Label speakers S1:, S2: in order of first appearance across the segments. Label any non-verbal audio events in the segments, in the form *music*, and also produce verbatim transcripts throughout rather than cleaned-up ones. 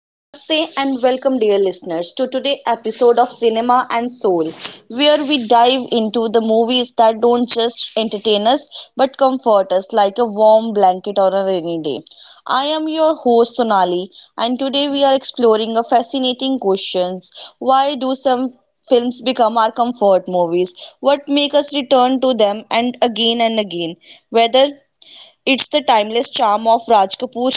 S1: Namaste and welcome, dear listeners, to today's episode of Cinema and Soul, where we dive into the movies that don't just entertain us but comfort us like a warm blanket or a rainy day. I am your host Sonali, and today we are exploring a fascinating questions: Why do some films become our comfort movies? What make us return to them and again and again? Whether it's the timeless charm of Raj Kapoor,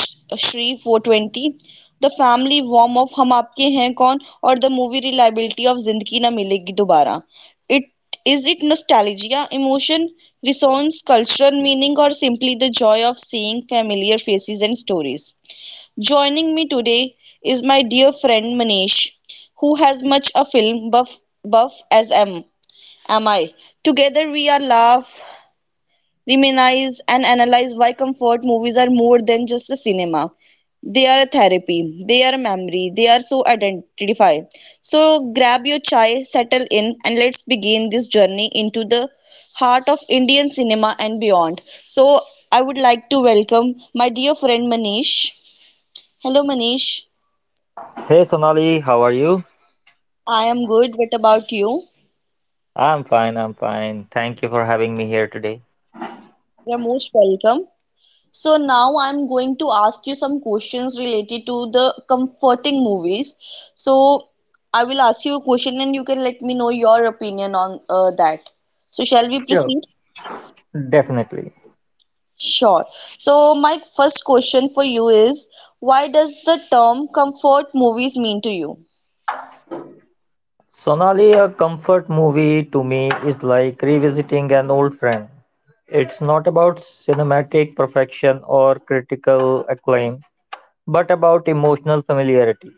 S1: Shree four twenty, the family warmth of Hum Aapke Hain Kaun, or the movie reliability of Zindagi Na Milegi Dobara. It is it nostalgia, emotion, resonance, cultural meaning, or simply the joy of seeing familiar faces and stories. Joining me today is my dear friend Manish, who has much a film buff buff as am am I. Together we are laugh, reminisce and analyze why comfort movies are more than just a cinema. They are a therapy, they are a memory, they are so identified. So grab your chai, settle in, and let's begin this journey into the heart of Indian cinema and beyond. So I would like to welcome my dear friend Manish. Hello Manish,
S2: Hey Sonali, how are you?
S1: I am good. What about you?
S2: I'm fine, I'm fine. Thank you for having me here today.
S1: You're most welcome. So now I'm going to ask you some questions related to the comforting movies. So I will ask you a question and you can let me know your opinion on uh, that. So shall we
S2: Sure.
S1: proceed?
S2: Definitely.
S1: Sure. So my first question for you is, why does the term comfort movies mean to you?
S2: Sonali, a comfort movie to me is like revisiting an old friend. It's not about cinematic perfection or critical acclaim, but about emotional familiarity.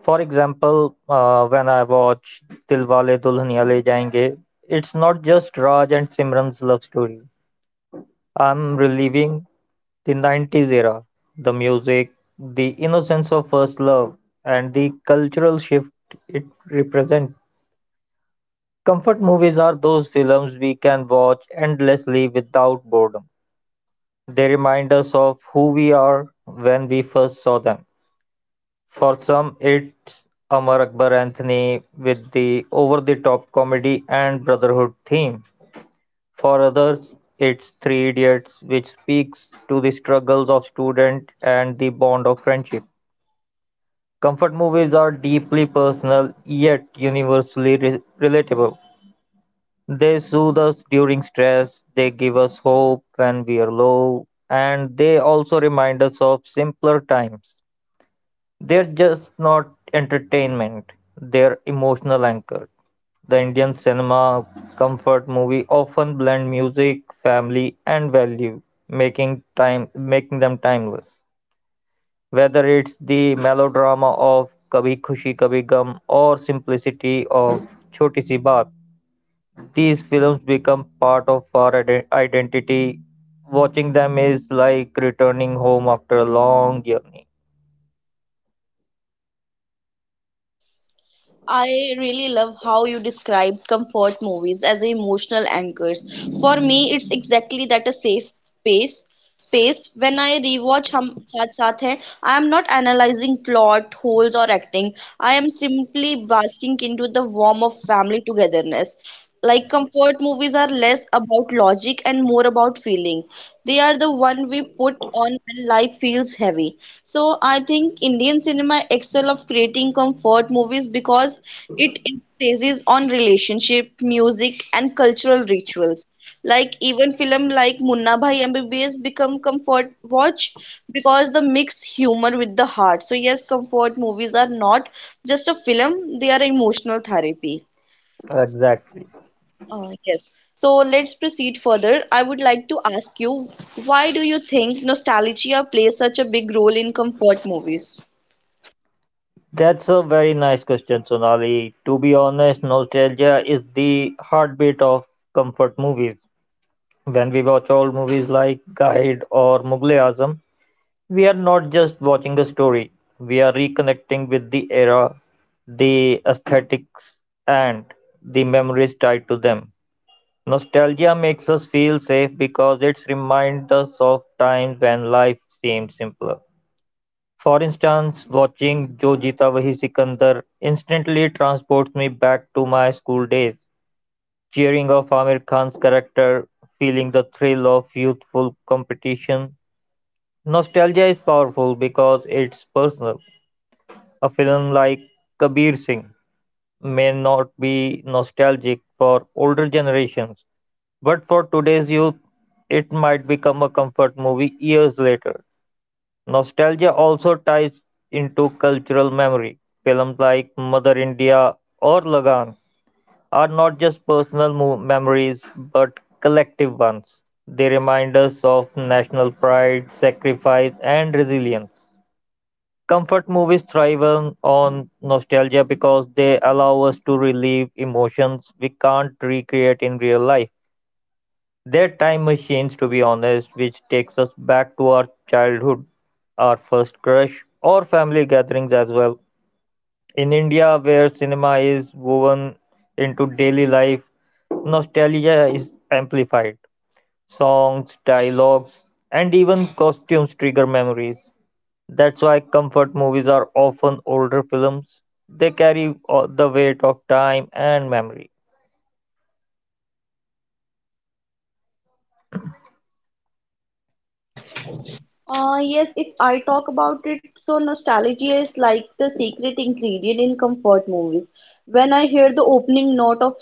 S2: For example, uh, when I watch Dilwale Dulhaniya Le Jayenge, it's not just Raj and Simran's love story. I'm reliving the nineties era, the music, the innocence of first love, and the cultural shift it represents. Comfort movies are those films we can watch endlessly without boredom. They remind us of who we are when we first saw them. For some, it's Amar Akbar Anthony with the over the top comedy and brotherhood theme. For others, it's Three Idiots, which speaks to the struggles of students and the bond of friendship. Comfort movies are deeply personal, yet universally re- relatable. They soothe us during stress, they give us hope when we are low, and they also remind us of simpler times. They're just not entertainment, they're emotional anchor. The Indian cinema comfort movie often blend music, family, and value, making time making them timeless. Whether it's the melodrama of "Kabhi Khushi Kabhi gham' or simplicity of "Choti Si Baat," these films become part of our ide- identity. Watching them is like returning home after a long journey.
S1: I really love how you described comfort movies as emotional anchors. For me, it's exactly that a safe space. Space when I rewatch Hum Saath Saath Hai, I am not analyzing plot holes or acting. I am simply basking into the warmth of family togetherness. Like comfort movies are less about logic and more about feeling. They are the one we put on when life feels heavy. So I think Indian cinema excel of creating comfort movies because it emphasizes on relationship, music, and cultural rituals. Like even film like Munna Bhai M B B S become comfort watch because the mix humor with the heart. So yes, comfort movies are not just a film; they are emotional therapy.
S2: Exactly.
S1: Uh, yes. So let's proceed further. I would like to ask you, why do you think nostalgia plays such a big role in comfort movies?
S2: That's a very nice question, Sonali. To be honest, nostalgia is the heartbeat of comfort movies. When we watch old movies like Guide or Mughal Azam, We are not just watching a story, we are reconnecting with the era, the aesthetics, and the memories tied to them. Nostalgia makes us feel safe because it reminds us of times when life seemed simpler. For instance, watching Jo Jeeta Wahi Sikandar instantly transports me back to my school days, cheering of Amir Khan's character, feeling the thrill of youthful competition. Nostalgia is powerful because it's personal. A film like Kabir Singh may not be nostalgic for older generations, but for today's youth, it might become a comfort movie years later. Nostalgia also ties into cultural memory. Films like Mother India or Lagan are not just personal mo- memories but collective ones. They remind us of national pride, sacrifice, and resilience. Comfort movies thrive on on nostalgia because they allow us to relive emotions we can't recreate in real life. They're time machines, to be honest, which takes us back to our childhood, our first crush, or family gatherings as well. In India, where cinema is woven into daily life, nostalgia is amplified. Songs, dialogues, and even costumes trigger memories. That's why comfort movies are often older films. They carry uh, the weight of time and memory.
S1: Uh, yes, if I talk about it, so nostalgia is like the secret ingredient in comfort movies. When I hear the opening note of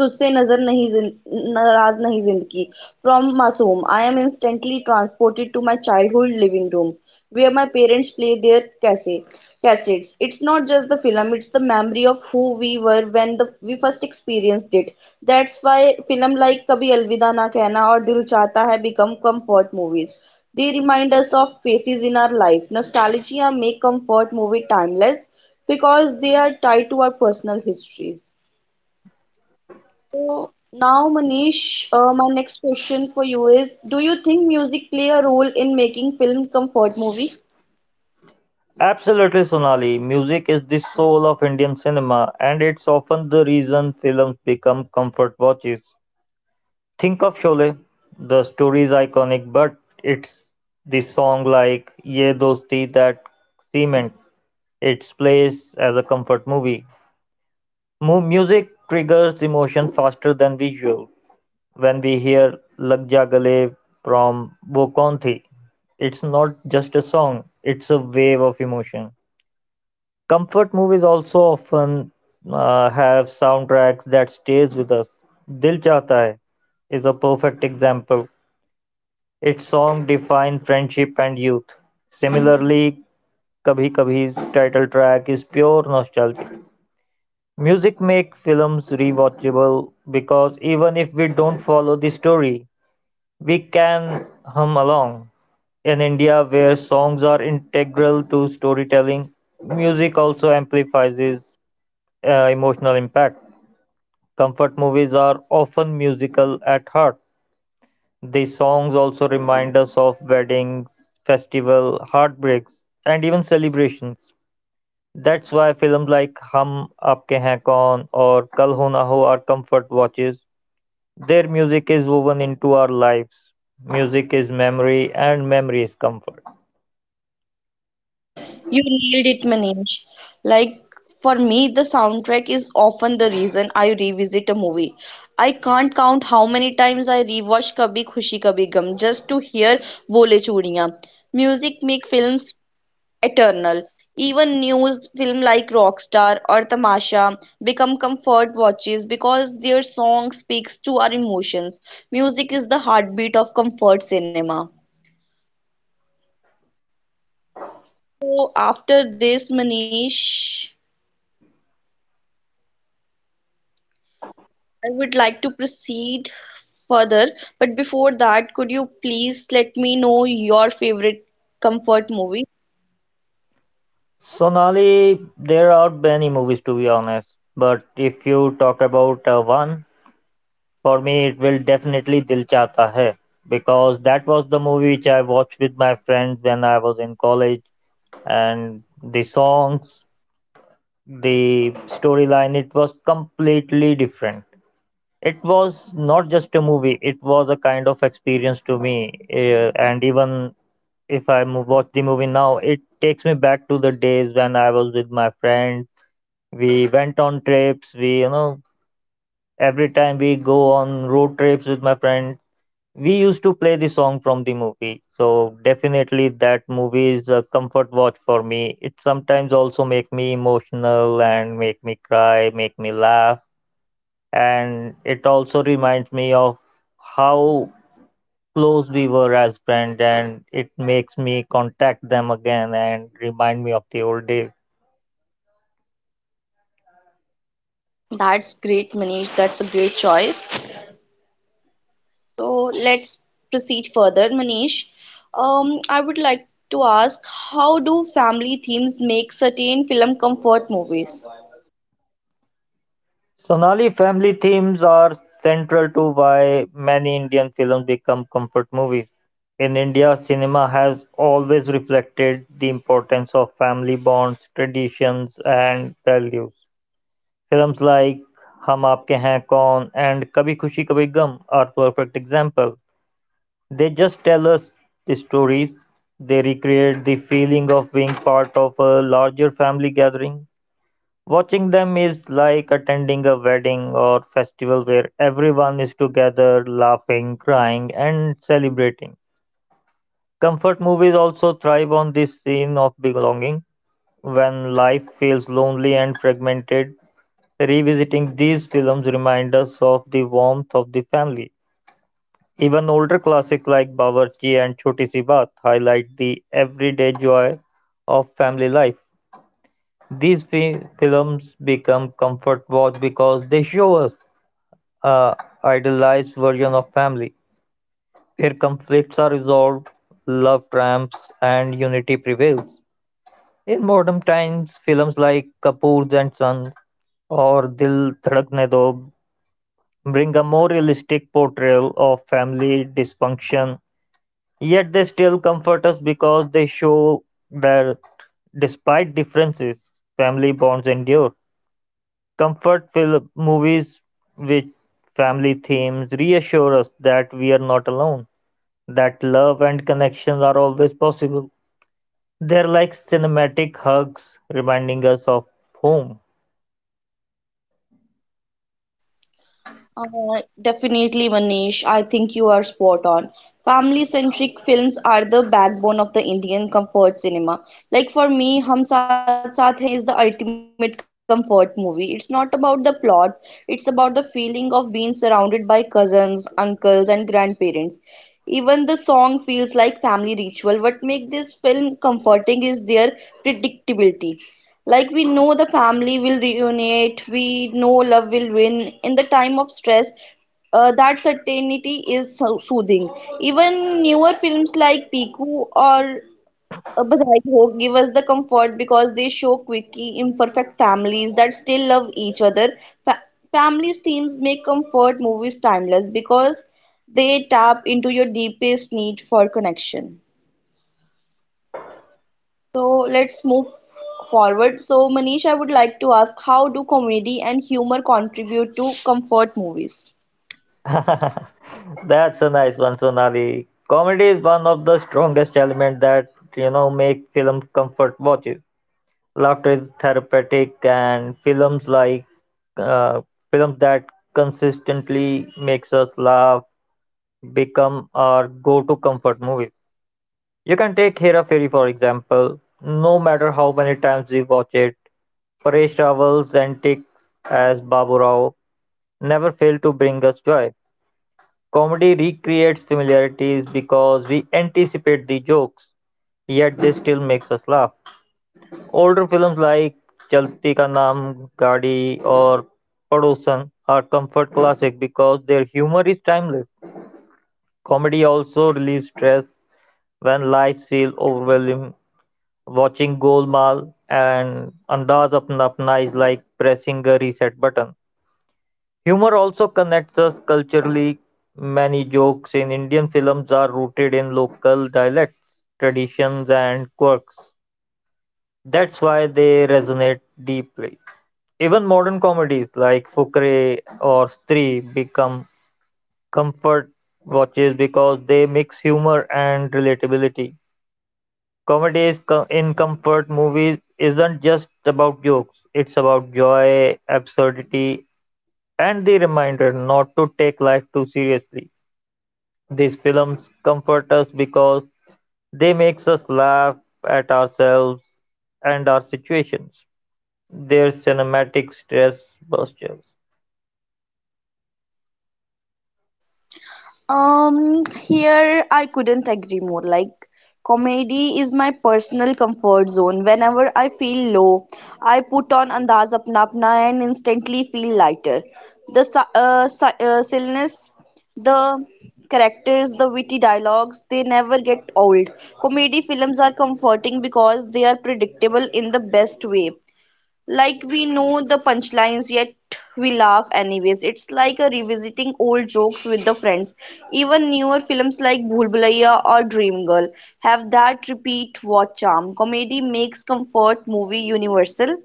S1: तुझसे नजर नहीं जिन- नाराज नहीं जिंदगी from मासूम, I am instantly transported to my childhood living room where my parents play their cassette, cassettes. It's not just the film, it's the memory of who we were when the, we first experienced it. That's why film like कभी अलविदा ना कहना और दिल चाहता है become comfort movies. They remind us of phases in our life. Nostalgia make comfort movie timeless because they are tied to our personal histories. So now, Manish, uh, my next question for you is: Do you think music play a role in making film comfort movie?
S2: Absolutely, Sonali. Music is the soul of Indian cinema, and it's often the reason films become comfort watches. Think of Sholay. The story is iconic, but it's the song like Ye Dosti that cement its place as a comfort movie. Mu- music triggers emotion faster than visual. when we hear Lag Ja Gale from Wo Kaun Thi, it's not just a song, it's a wave of emotion. Comfort movies also often uh, have soundtracks that stays with us. Dil Chahta Hai is a perfect example. Its song defines friendship and youth. Similarly, Kabhi Kabhi's title track is pure nostalgia. Music makes films rewatchable because even if we don't follow the story, We can hum along. In India, where songs are integral to storytelling, music also amplifies uh, emotional impact. Comfort movies are often musical at heart. The songs also remind us of weddings, festival, heartbreaks, and even celebrations. That's why films like Hum Aapke Hain Kaun or Kal Ho Na Ho are comfort watches. Their music is woven into our lives. Music is memory, and memory is comfort.
S1: You nailed it, Manish. Like for me, the soundtrack is often the reason I revisit a movie. I can't count how many times I rewatch Kabhi Khushi Kabhi Gum just to hear Bole Chudiyan. Music make films eternal. Even news film like Rockstar or Tamasha become comfort watches because their song speaks to our emotions. Music is the heartbeat of comfort cinema. So after this, Manish, I would like to proceed further. But before that, could you please let me know your favorite comfort movie?
S2: Sonali, there are many movies to be honest, but if you talk about uh, one, for me it will definitely Dil Chahta Hai because that was the movie which I watched with my friends when I was in college, and the songs, the storyline, it was completely different. It was not just a movie; it was a kind of experience to me, eh, and even if I mo- watch the movie now, it takes me back to the days when I was with my friends. We went on trips. We, you know, every time we go on road trips with my friend, we used to play the song from the movie. So definitely, that movie is a comfort watch for me. It sometimes also make me emotional and make me cry, make me laugh, and it also reminds me of how close we were as friends, and it makes me contact them again and remind me of the old days.
S1: That's great, Manish. That's a great choice. So let's proceed further, Manish. Um, I would like to ask, how do family themes make certain film comfort movies?
S2: Sonali, family themes are central to why many Indian films become comfort movies. In India, cinema has always reflected the importance of family bonds, traditions, and values. Films like Hum Aapke Hain Kaun and Kabhi Khushi Kabhi Gum are perfect examples. They just tell us the stories. They recreate the feeling of being part of a larger family gathering. Watching them is like attending a wedding or festival where everyone is together, laughing, crying, and celebrating. Comfort movies also thrive on this scene of belonging. When life feels lonely and fragmented, revisiting these films remind us of the warmth of the family, even older classics like Bawarchi and Choti Si Baat highlight the everyday joy of family life. These fi- films become comfort watch because they show us a idealized version of family, where conflicts are resolved, love triumphs, and unity prevails. In modern times, films like Kapoor's and Sons or Dil Dhadakne Do bring a more realistic portrayal of family dysfunction. Yet they still comfort us because they show that despite differences, family bonds endure. Comfort film movies with family themes reassure us that we are not alone, that love and connections are always possible. They're like cinematic hugs reminding us of home.
S1: Uh, definitely, Manish. I think you are spot on. Family-centric films are the backbone of the Indian comfort cinema. Like for me, Hum Saath Saath Hain is the ultimate comfort movie. It's not about the plot, it's about the feeling of being surrounded by cousins, uncles, and grandparents. Even the song feels like family ritual. What makes this film comforting is their predictability. Like we know the family will reunite, we know love will win. In the time of stress, uh, that certainty is so- soothing. Even newer films like Piku or uh, Badhai Ho give us the comfort because they show quirky, imperfect families that still love each other. Fa- Families themes make comfort movies timeless because they tap into your deepest need for connection. So let's move forward. So, Manish, I would like to ask how do comedy and humor contribute to comfort movies?
S2: *laughs* That's a nice one, Sonali. Comedy is one of the strongest elements that you know make film comfort watches. Laughter is therapeutic, and films like uh, films that consistently makes us laugh become our go-to comfort movie. You can take Hera Fairy for example. No matter how many times we watch it, Paresh Rawal's antics as Babu Rao never fail to bring us joy. Comedy recreates familiarities because we anticipate the jokes, yet they still makes us laugh. Older films like "Chalti Ka Naam", "Gaadi" or "Padosan" are comfort classics because their humor is timeless. Comedy also relieves stress when life feels overwhelming. Watching Golmaal and Andaz Apna Apna is like pressing a reset button. Humor also connects us culturally. Many jokes in Indian films are rooted in local dialects, traditions, and quirks. That's why they resonate deeply. Even modern comedies like Fukare or Stree become comfort watches because they mix humor and relatability. Comedy is co- in comfort movies isn't just about jokes, it's about joy, absurdity, and the reminder not to take life too seriously. These films comfort us because they makes us laugh at ourselves and our situations. Their cinematic stress busters.
S1: Um, here I couldn't agree more. Like, comedy is my personal comfort zone. Whenever I feel low, I put on Andaz Apna Apna and instantly feel lighter. The si- uh, si- uh, silliness, the characters, the witty dialogues, they never get old. Comedy films are comforting because they are predictable in the best way. Like we know the punchlines, yet we laugh anyways. It's like a revisiting old jokes with the friends. Even newer films like Bhool Bhulaiya or Dream Girl have that repeat watch charm. Comedy makes comfort movie universal.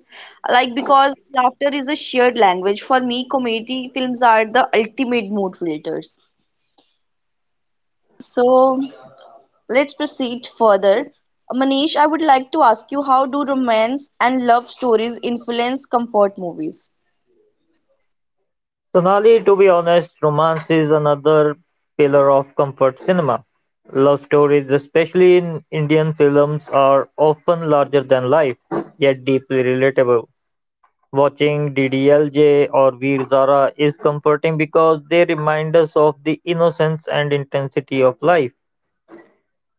S1: Like because laughter is a shared language. For me, comedy films are the ultimate mood filters. So let's proceed further. Manish, I would like to ask you how do romance and love stories influence comfort movies?
S2: Sonali, to be honest, romance is another pillar of comfort cinema. Love stories, especially in Indian films, are often larger than life, yet deeply relatable. Watching D D L J or Veer Zara is comforting because they remind us of the innocence and intensity of life.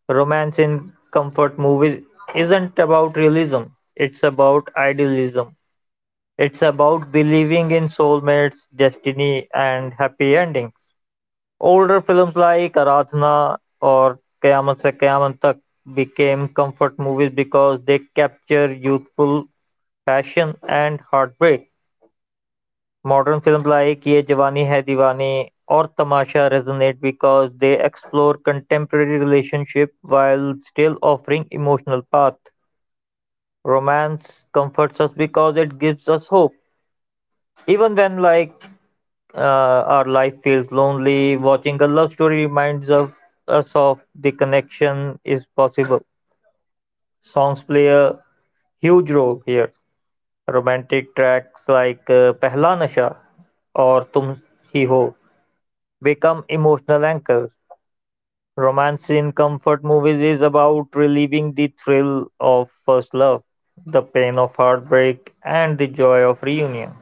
S2: Romance in comfort movies isn't about realism, it's about idealism. It's about believing in soulmates, destiny, and happy endings. Older films like "Aaradhana" or "Qiyamat Se Qiyamat Tak" became comfort movies because they capture youthful passion and heartbreak. Modern films like "Ye Jawani Hai Deewani" or "Tamasha" resonate because they explore contemporary relationships while still offering emotional path. Romance comforts us because it gives us hope. Even when like uh, our life feels lonely, watching a love story reminds of, us of the connection is possible. Songs play a huge role here. Romantic tracks like uh, Pehla Nasha or Tum Hi Ho become emotional anchors. Romance in comfort movies is about relieving the thrill of first love, the pain of heartbreak, and the joy of reunion.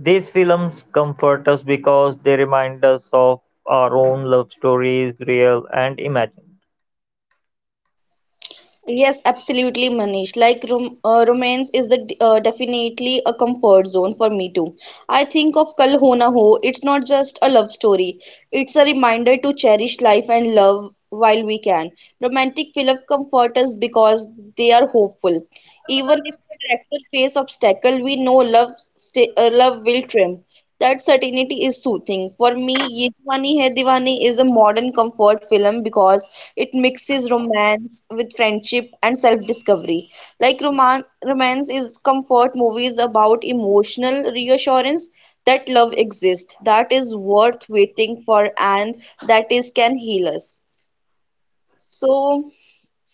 S2: These films comfort us because they remind us of our own love stories, real and imagined.
S1: Yes, absolutely, Manish. Like rom uh, romance is the d- uh, definitely a comfort zone for me too. I think of Kal Ho Na Ho. It's not just a love story. It's a reminder to cherish life and love while we can. Romantic films comfort us because they are hopeful. Even if the character face obstacle, we know love stay, uh, love will triumph. That certainty is soothing. For me, Ye Diwani Hai Diwani is a modern comfort film because it mixes romance with friendship and self-discovery. Like roman romance is comfort movies about emotional reassurance that love exists, that is worth waiting for, and that is can heal us. So,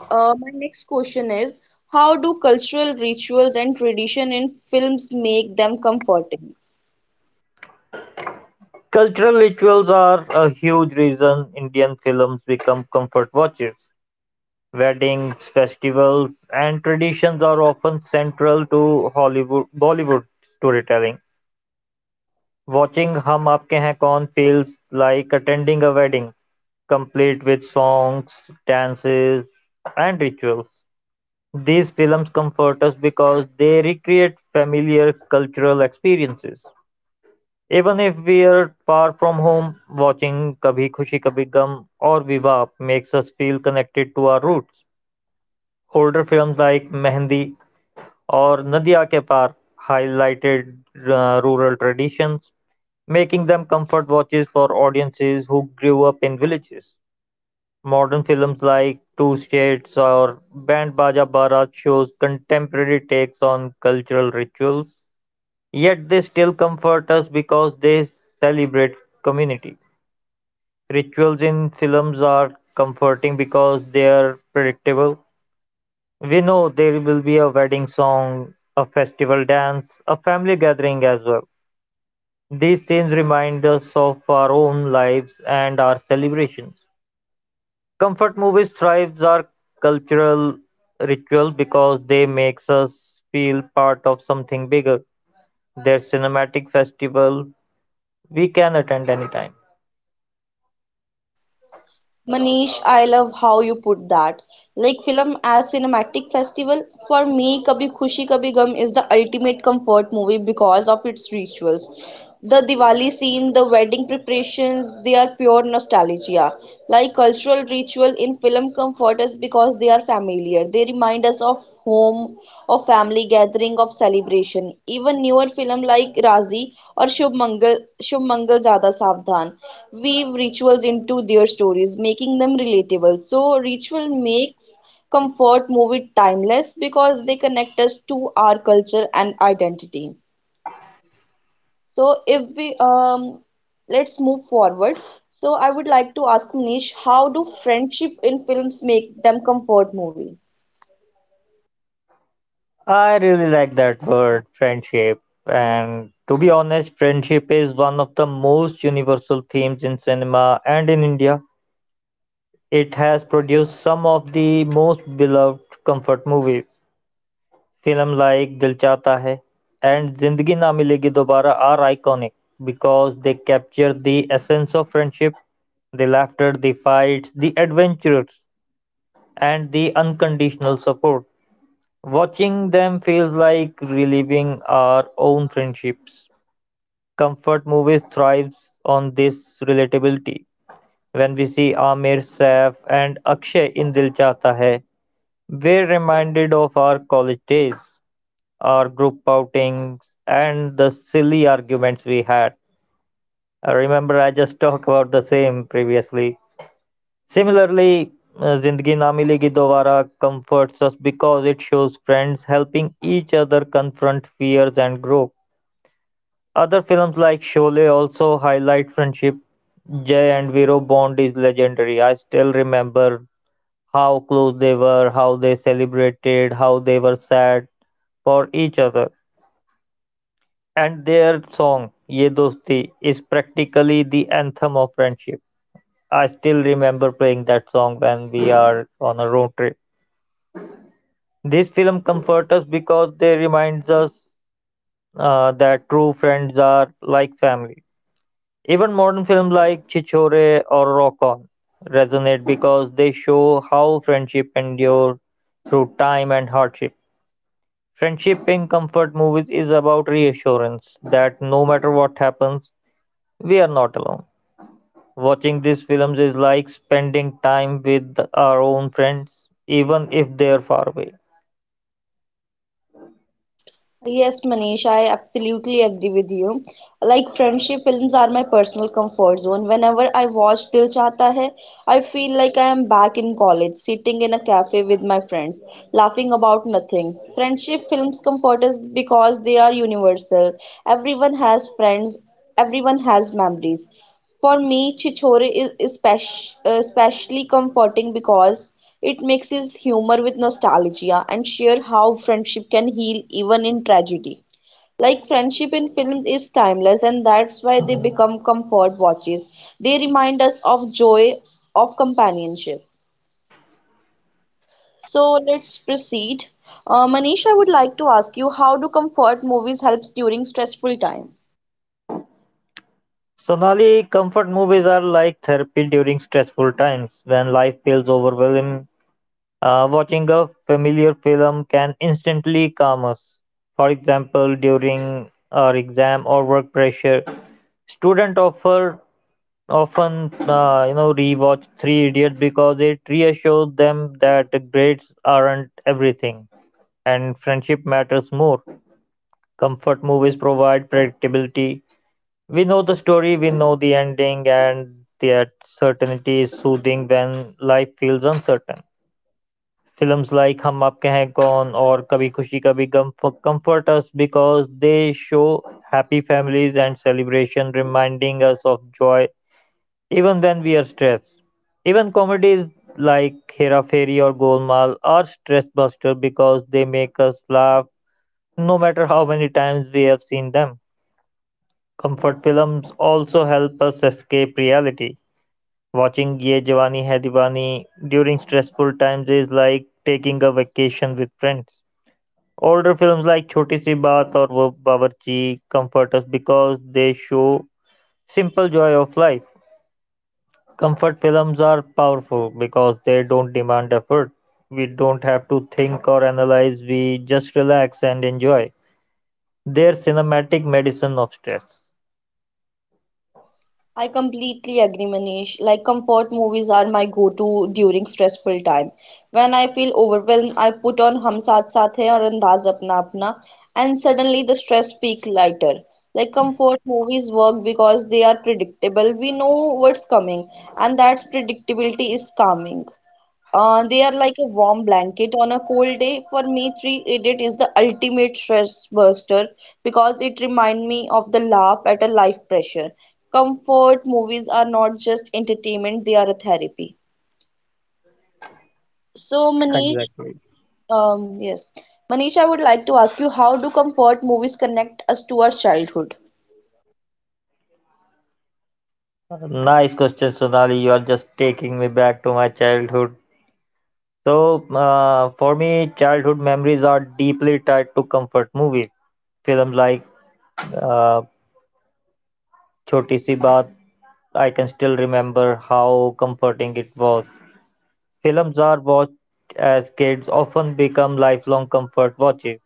S1: uh, my next question is, how do cultural rituals and tradition in films make them comforting?
S2: Cultural rituals are a huge reason Indian films become comfort watches. Weddings, festivals, and traditions are often central to Hollywood Bollywood storytelling. Watching Hum Aapke Hain Kaun feels like attending a wedding, complete with songs, dances, and rituals. These films comfort us because they recreate familiar cultural experiences, even if we're far from home. Watching Kabhi Khushi Kabhi Gum or Viva makes us feel connected to our roots. Older films like Mehndi or Nadiya Ke Paar highlighted uh, rural traditions, making them comfort watches for audiences who grew up in villages. Modern films like Two States" or "Band Baja Barat" shows contemporary takes on cultural rituals, yet they still comfort us because they celebrate community. Rituals in films are comforting because they are predictable. We know there will be a wedding song, a festival dance, a family gathering as well. These scenes remind us of our own lives and our celebrations. Comfort movies thrives our cultural ritual because they makes us feel part of something bigger. Their cinematic festival we can attend anytime.
S1: Manish, I love how you put that. Like film as cinematic festival, for me, Kabhi Khushi Kabhi Gum is the ultimate comfort movie because of its rituals. The Diwali scene, the wedding preparations, they are pure nostalgia. Like cultural ritual in film comfort us because they are familiar. They remind us of home of family gathering of celebration. Even newer film like Razi or Shubh Mangal, Shubh Mangal Jada Savdhan weave rituals into their stories, making them relatable. So ritual makes comfort movie timeless because they connect us to our culture and identity. So if we um let's move forward. So I would like to ask Nish, how do friendship in films make them comfort movie?
S2: I really like that word, friendship. And to be honest, friendship is one of the most universal themes in cinema and in India. It has produced some of the most beloved comfort movies. Film like Dil Chahta है and जिंदगी ना मिलेगी दोबारा are iconic because they capture the essence of friendship, the laughter, the fights, the adventures, and the unconditional support. Watching them feels like reliving our own friendships. Comfort movies thrives on this relatability. When we see Amir Saif and Akshay in Dil Chahta Hai, we're reminded of our college days, our group outings, and the silly arguments we had. I remember I just *laughs* talked about the same previously. Similarly, uh, Zindagi Na Milegi Dobara comforts us because it shows friends helping each other confront fears and grow. Other films like Sholay also highlight friendship. Jay and Vero bond is legendary. I still remember how close they were, how they celebrated, how they were sad for each other. And their song, Ye Dosti, is practically the anthem of friendship. I still remember playing that song when we are on a road trip. This film comforts us because they reminds us uh, that true friends are like family. Even modern films like Chichore or Rock On resonate because they show how friendship endures through time and hardship. Friendship in comfort movies is about reassurance that no matter what happens, we are not alone. Watching these films is like spending time with our own friends, even if they are far away.
S1: Yes, Manish, I absolutely agree with you. Like friendship films are my personal comfort zone. Whenever I watch Dil Chahta Hai, I feel like I am back in college, sitting in a cafe with my friends, laughing about nothing. Friendship films comfort us because they are universal. Everyone has friends, everyone has memories. For me, Chichore is espec- especially comforting because it mixes humor with nostalgia and share how friendship can heal even in tragedy. Like friendship in films is timeless, and that's why they become comfort watches. They remind us of joy of companionship. So let's proceed. Uh, Manish, I would like to ask you, how do comfort movies help during stressful time?
S2: Sonali, comfort movies are like therapy during stressful times when life feels overwhelming. Uh, watching a familiar film can instantly calm us. For example, during our exam or work pressure, students offer often uh, you know rewatch Three Idiots because it reassures them that grades aren't everything and friendship matters more. Comfort movies provide predictability. We know the story, we know the ending, and that certainty is soothing when life feels uncertain. Films like Hum Aapke Hain Kaun or Kabhi Khushi Kabhi Gum f- comfort us because they show happy families and celebration, reminding us of joy even when we are stressed. Even comedies like Hera Fairy or Golmaal are stress buster because they make us laugh no matter how many times we have seen them. Comfort films also help us escape reality. Watching Ye Jawani Hai Diwani during stressful times is like taking a vacation with friends. Older films like Choti Si Baat or Wo Bawarchi comfort us because they show simple joy of life. Comfort films are powerful because they don't demand effort. We don't have to think or analyze, we just relax and enjoy. They're cinematic medicine of stress.
S1: I completely agree, Manish. Like comfort movies are my go-to during stressful time. When I feel overwhelmed, I put on Hum Saath Saath Hai or Andaz Apna Apna, and suddenly the stress feels lighter. Like comfort movies work because they are predictable. We know what's coming, and that's predictability is calming. Uh, they are like a warm blanket on a cold day. For me, Three Idiot is the ultimate stress buster because it reminds me of the laugh at a life pressure. Comfort movies are not just entertainment, they are a therapy. So, Manish,
S2: Exactly.
S1: um, yes. Manish, I would like to ask you, how do comfort movies connect us to our childhood?
S2: Nice question, Sonali. You are just taking me back to my childhood. So, uh, for me, childhood memories are deeply tied to comfort movies. Films like uh, Choti Si Baat, I can still remember how comforting it was. Films are watched as kids often become lifelong comfort watches.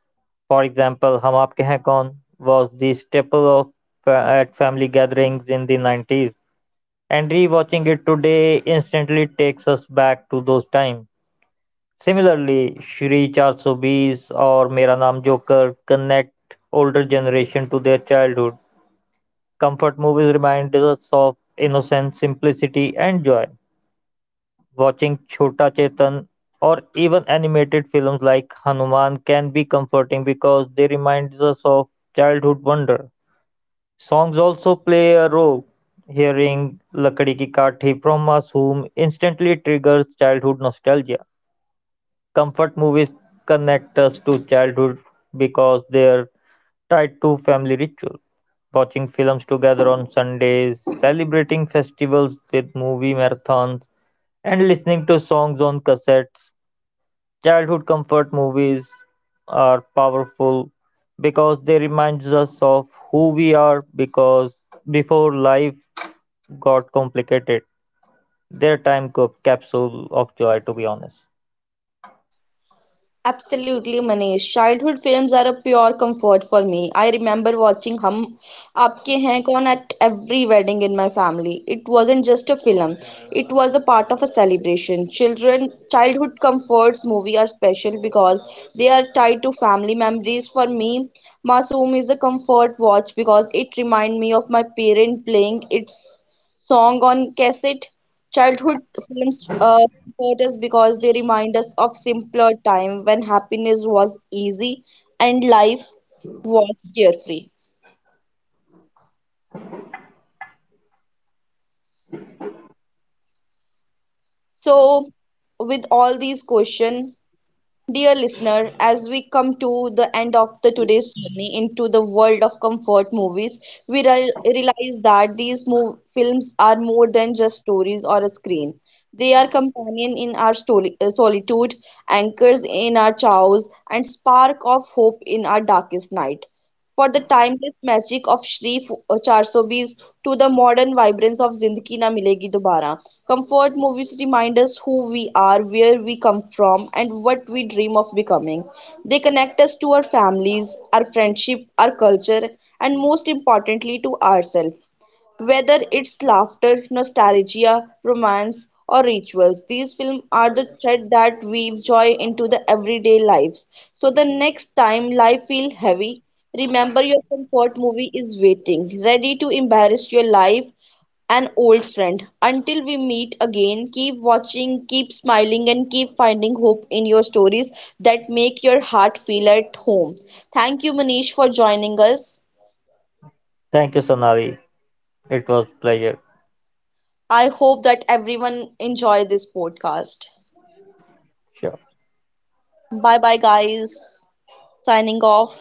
S2: For example, Hum Aapke Hain Kaun was the staple of fa- at family gatherings in the nineties, and rewatching it today instantly takes us back to those times. Similarly, Shri four twenty or Mera Naam Joker connect older generation to their childhood. Comfort movies remind us of innocence, simplicity, and joy. Watching Chhota Chetan or even animated films like Hanuman can be comforting because they remind us of childhood wonder. Songs also play a role; hearing "Lakdi Ki Kathi" from Masoom instantly triggers childhood nostalgia. Comfort movies connect us to childhood because they're tied to family ritual. Watching films together on Sundays, celebrating festivals with movie marathons, and listening to songs on cassettes. Childhood comfort movies are powerful because they remind us of who we are because before life got complicated. Their time cap- capsule of joy, to be honest.
S1: Absolutely, Manish. Childhood films are a pure comfort for me. I remember watching Hum Aapke Hain Kaun at every wedding in my family. It wasn't just a film, it was a part of a celebration. Children, childhood comforts movie are special because they are tied to family memories. For me, Masoom is a comfort watch because it reminds me of my parent playing its song on cassette. Childhood films uh, comfort us because they remind us of simpler time when happiness was easy and life was carefree. So, with all these questions, dear listener, as we come to the end of the today's journey into the world of comfort movies, we re- realize that these mov- films are more than just stories or a screen. They are companion in our stoli- uh, solitude, anchors in our chaos, and spark of hope in our darkest night. For the timeless magic of Shree four twenty to the modern vibrance of Zindagi Na Milegi Dobara. Comfort movies remind us who we are, where we come from, and what we dream of becoming. They connect us to our families, our friendship, our culture, and most importantly to ourselves. Whether it's laughter, nostalgia, romance, or rituals, these films are the thread that weave joy into the everyday lives. So the next time life feels heavy, remember your comfort movie is waiting, ready to embarrass your life an old friend. Until we meet again, keep watching, keep smiling, and keep finding hope in your stories that make your heart feel at home. Thank you, Manish, for joining us.
S2: Thank you, Sonali. It was pleasure.
S1: I hope that everyone enjoy this podcast.
S2: Sure.
S1: Bye bye guys. Signing off.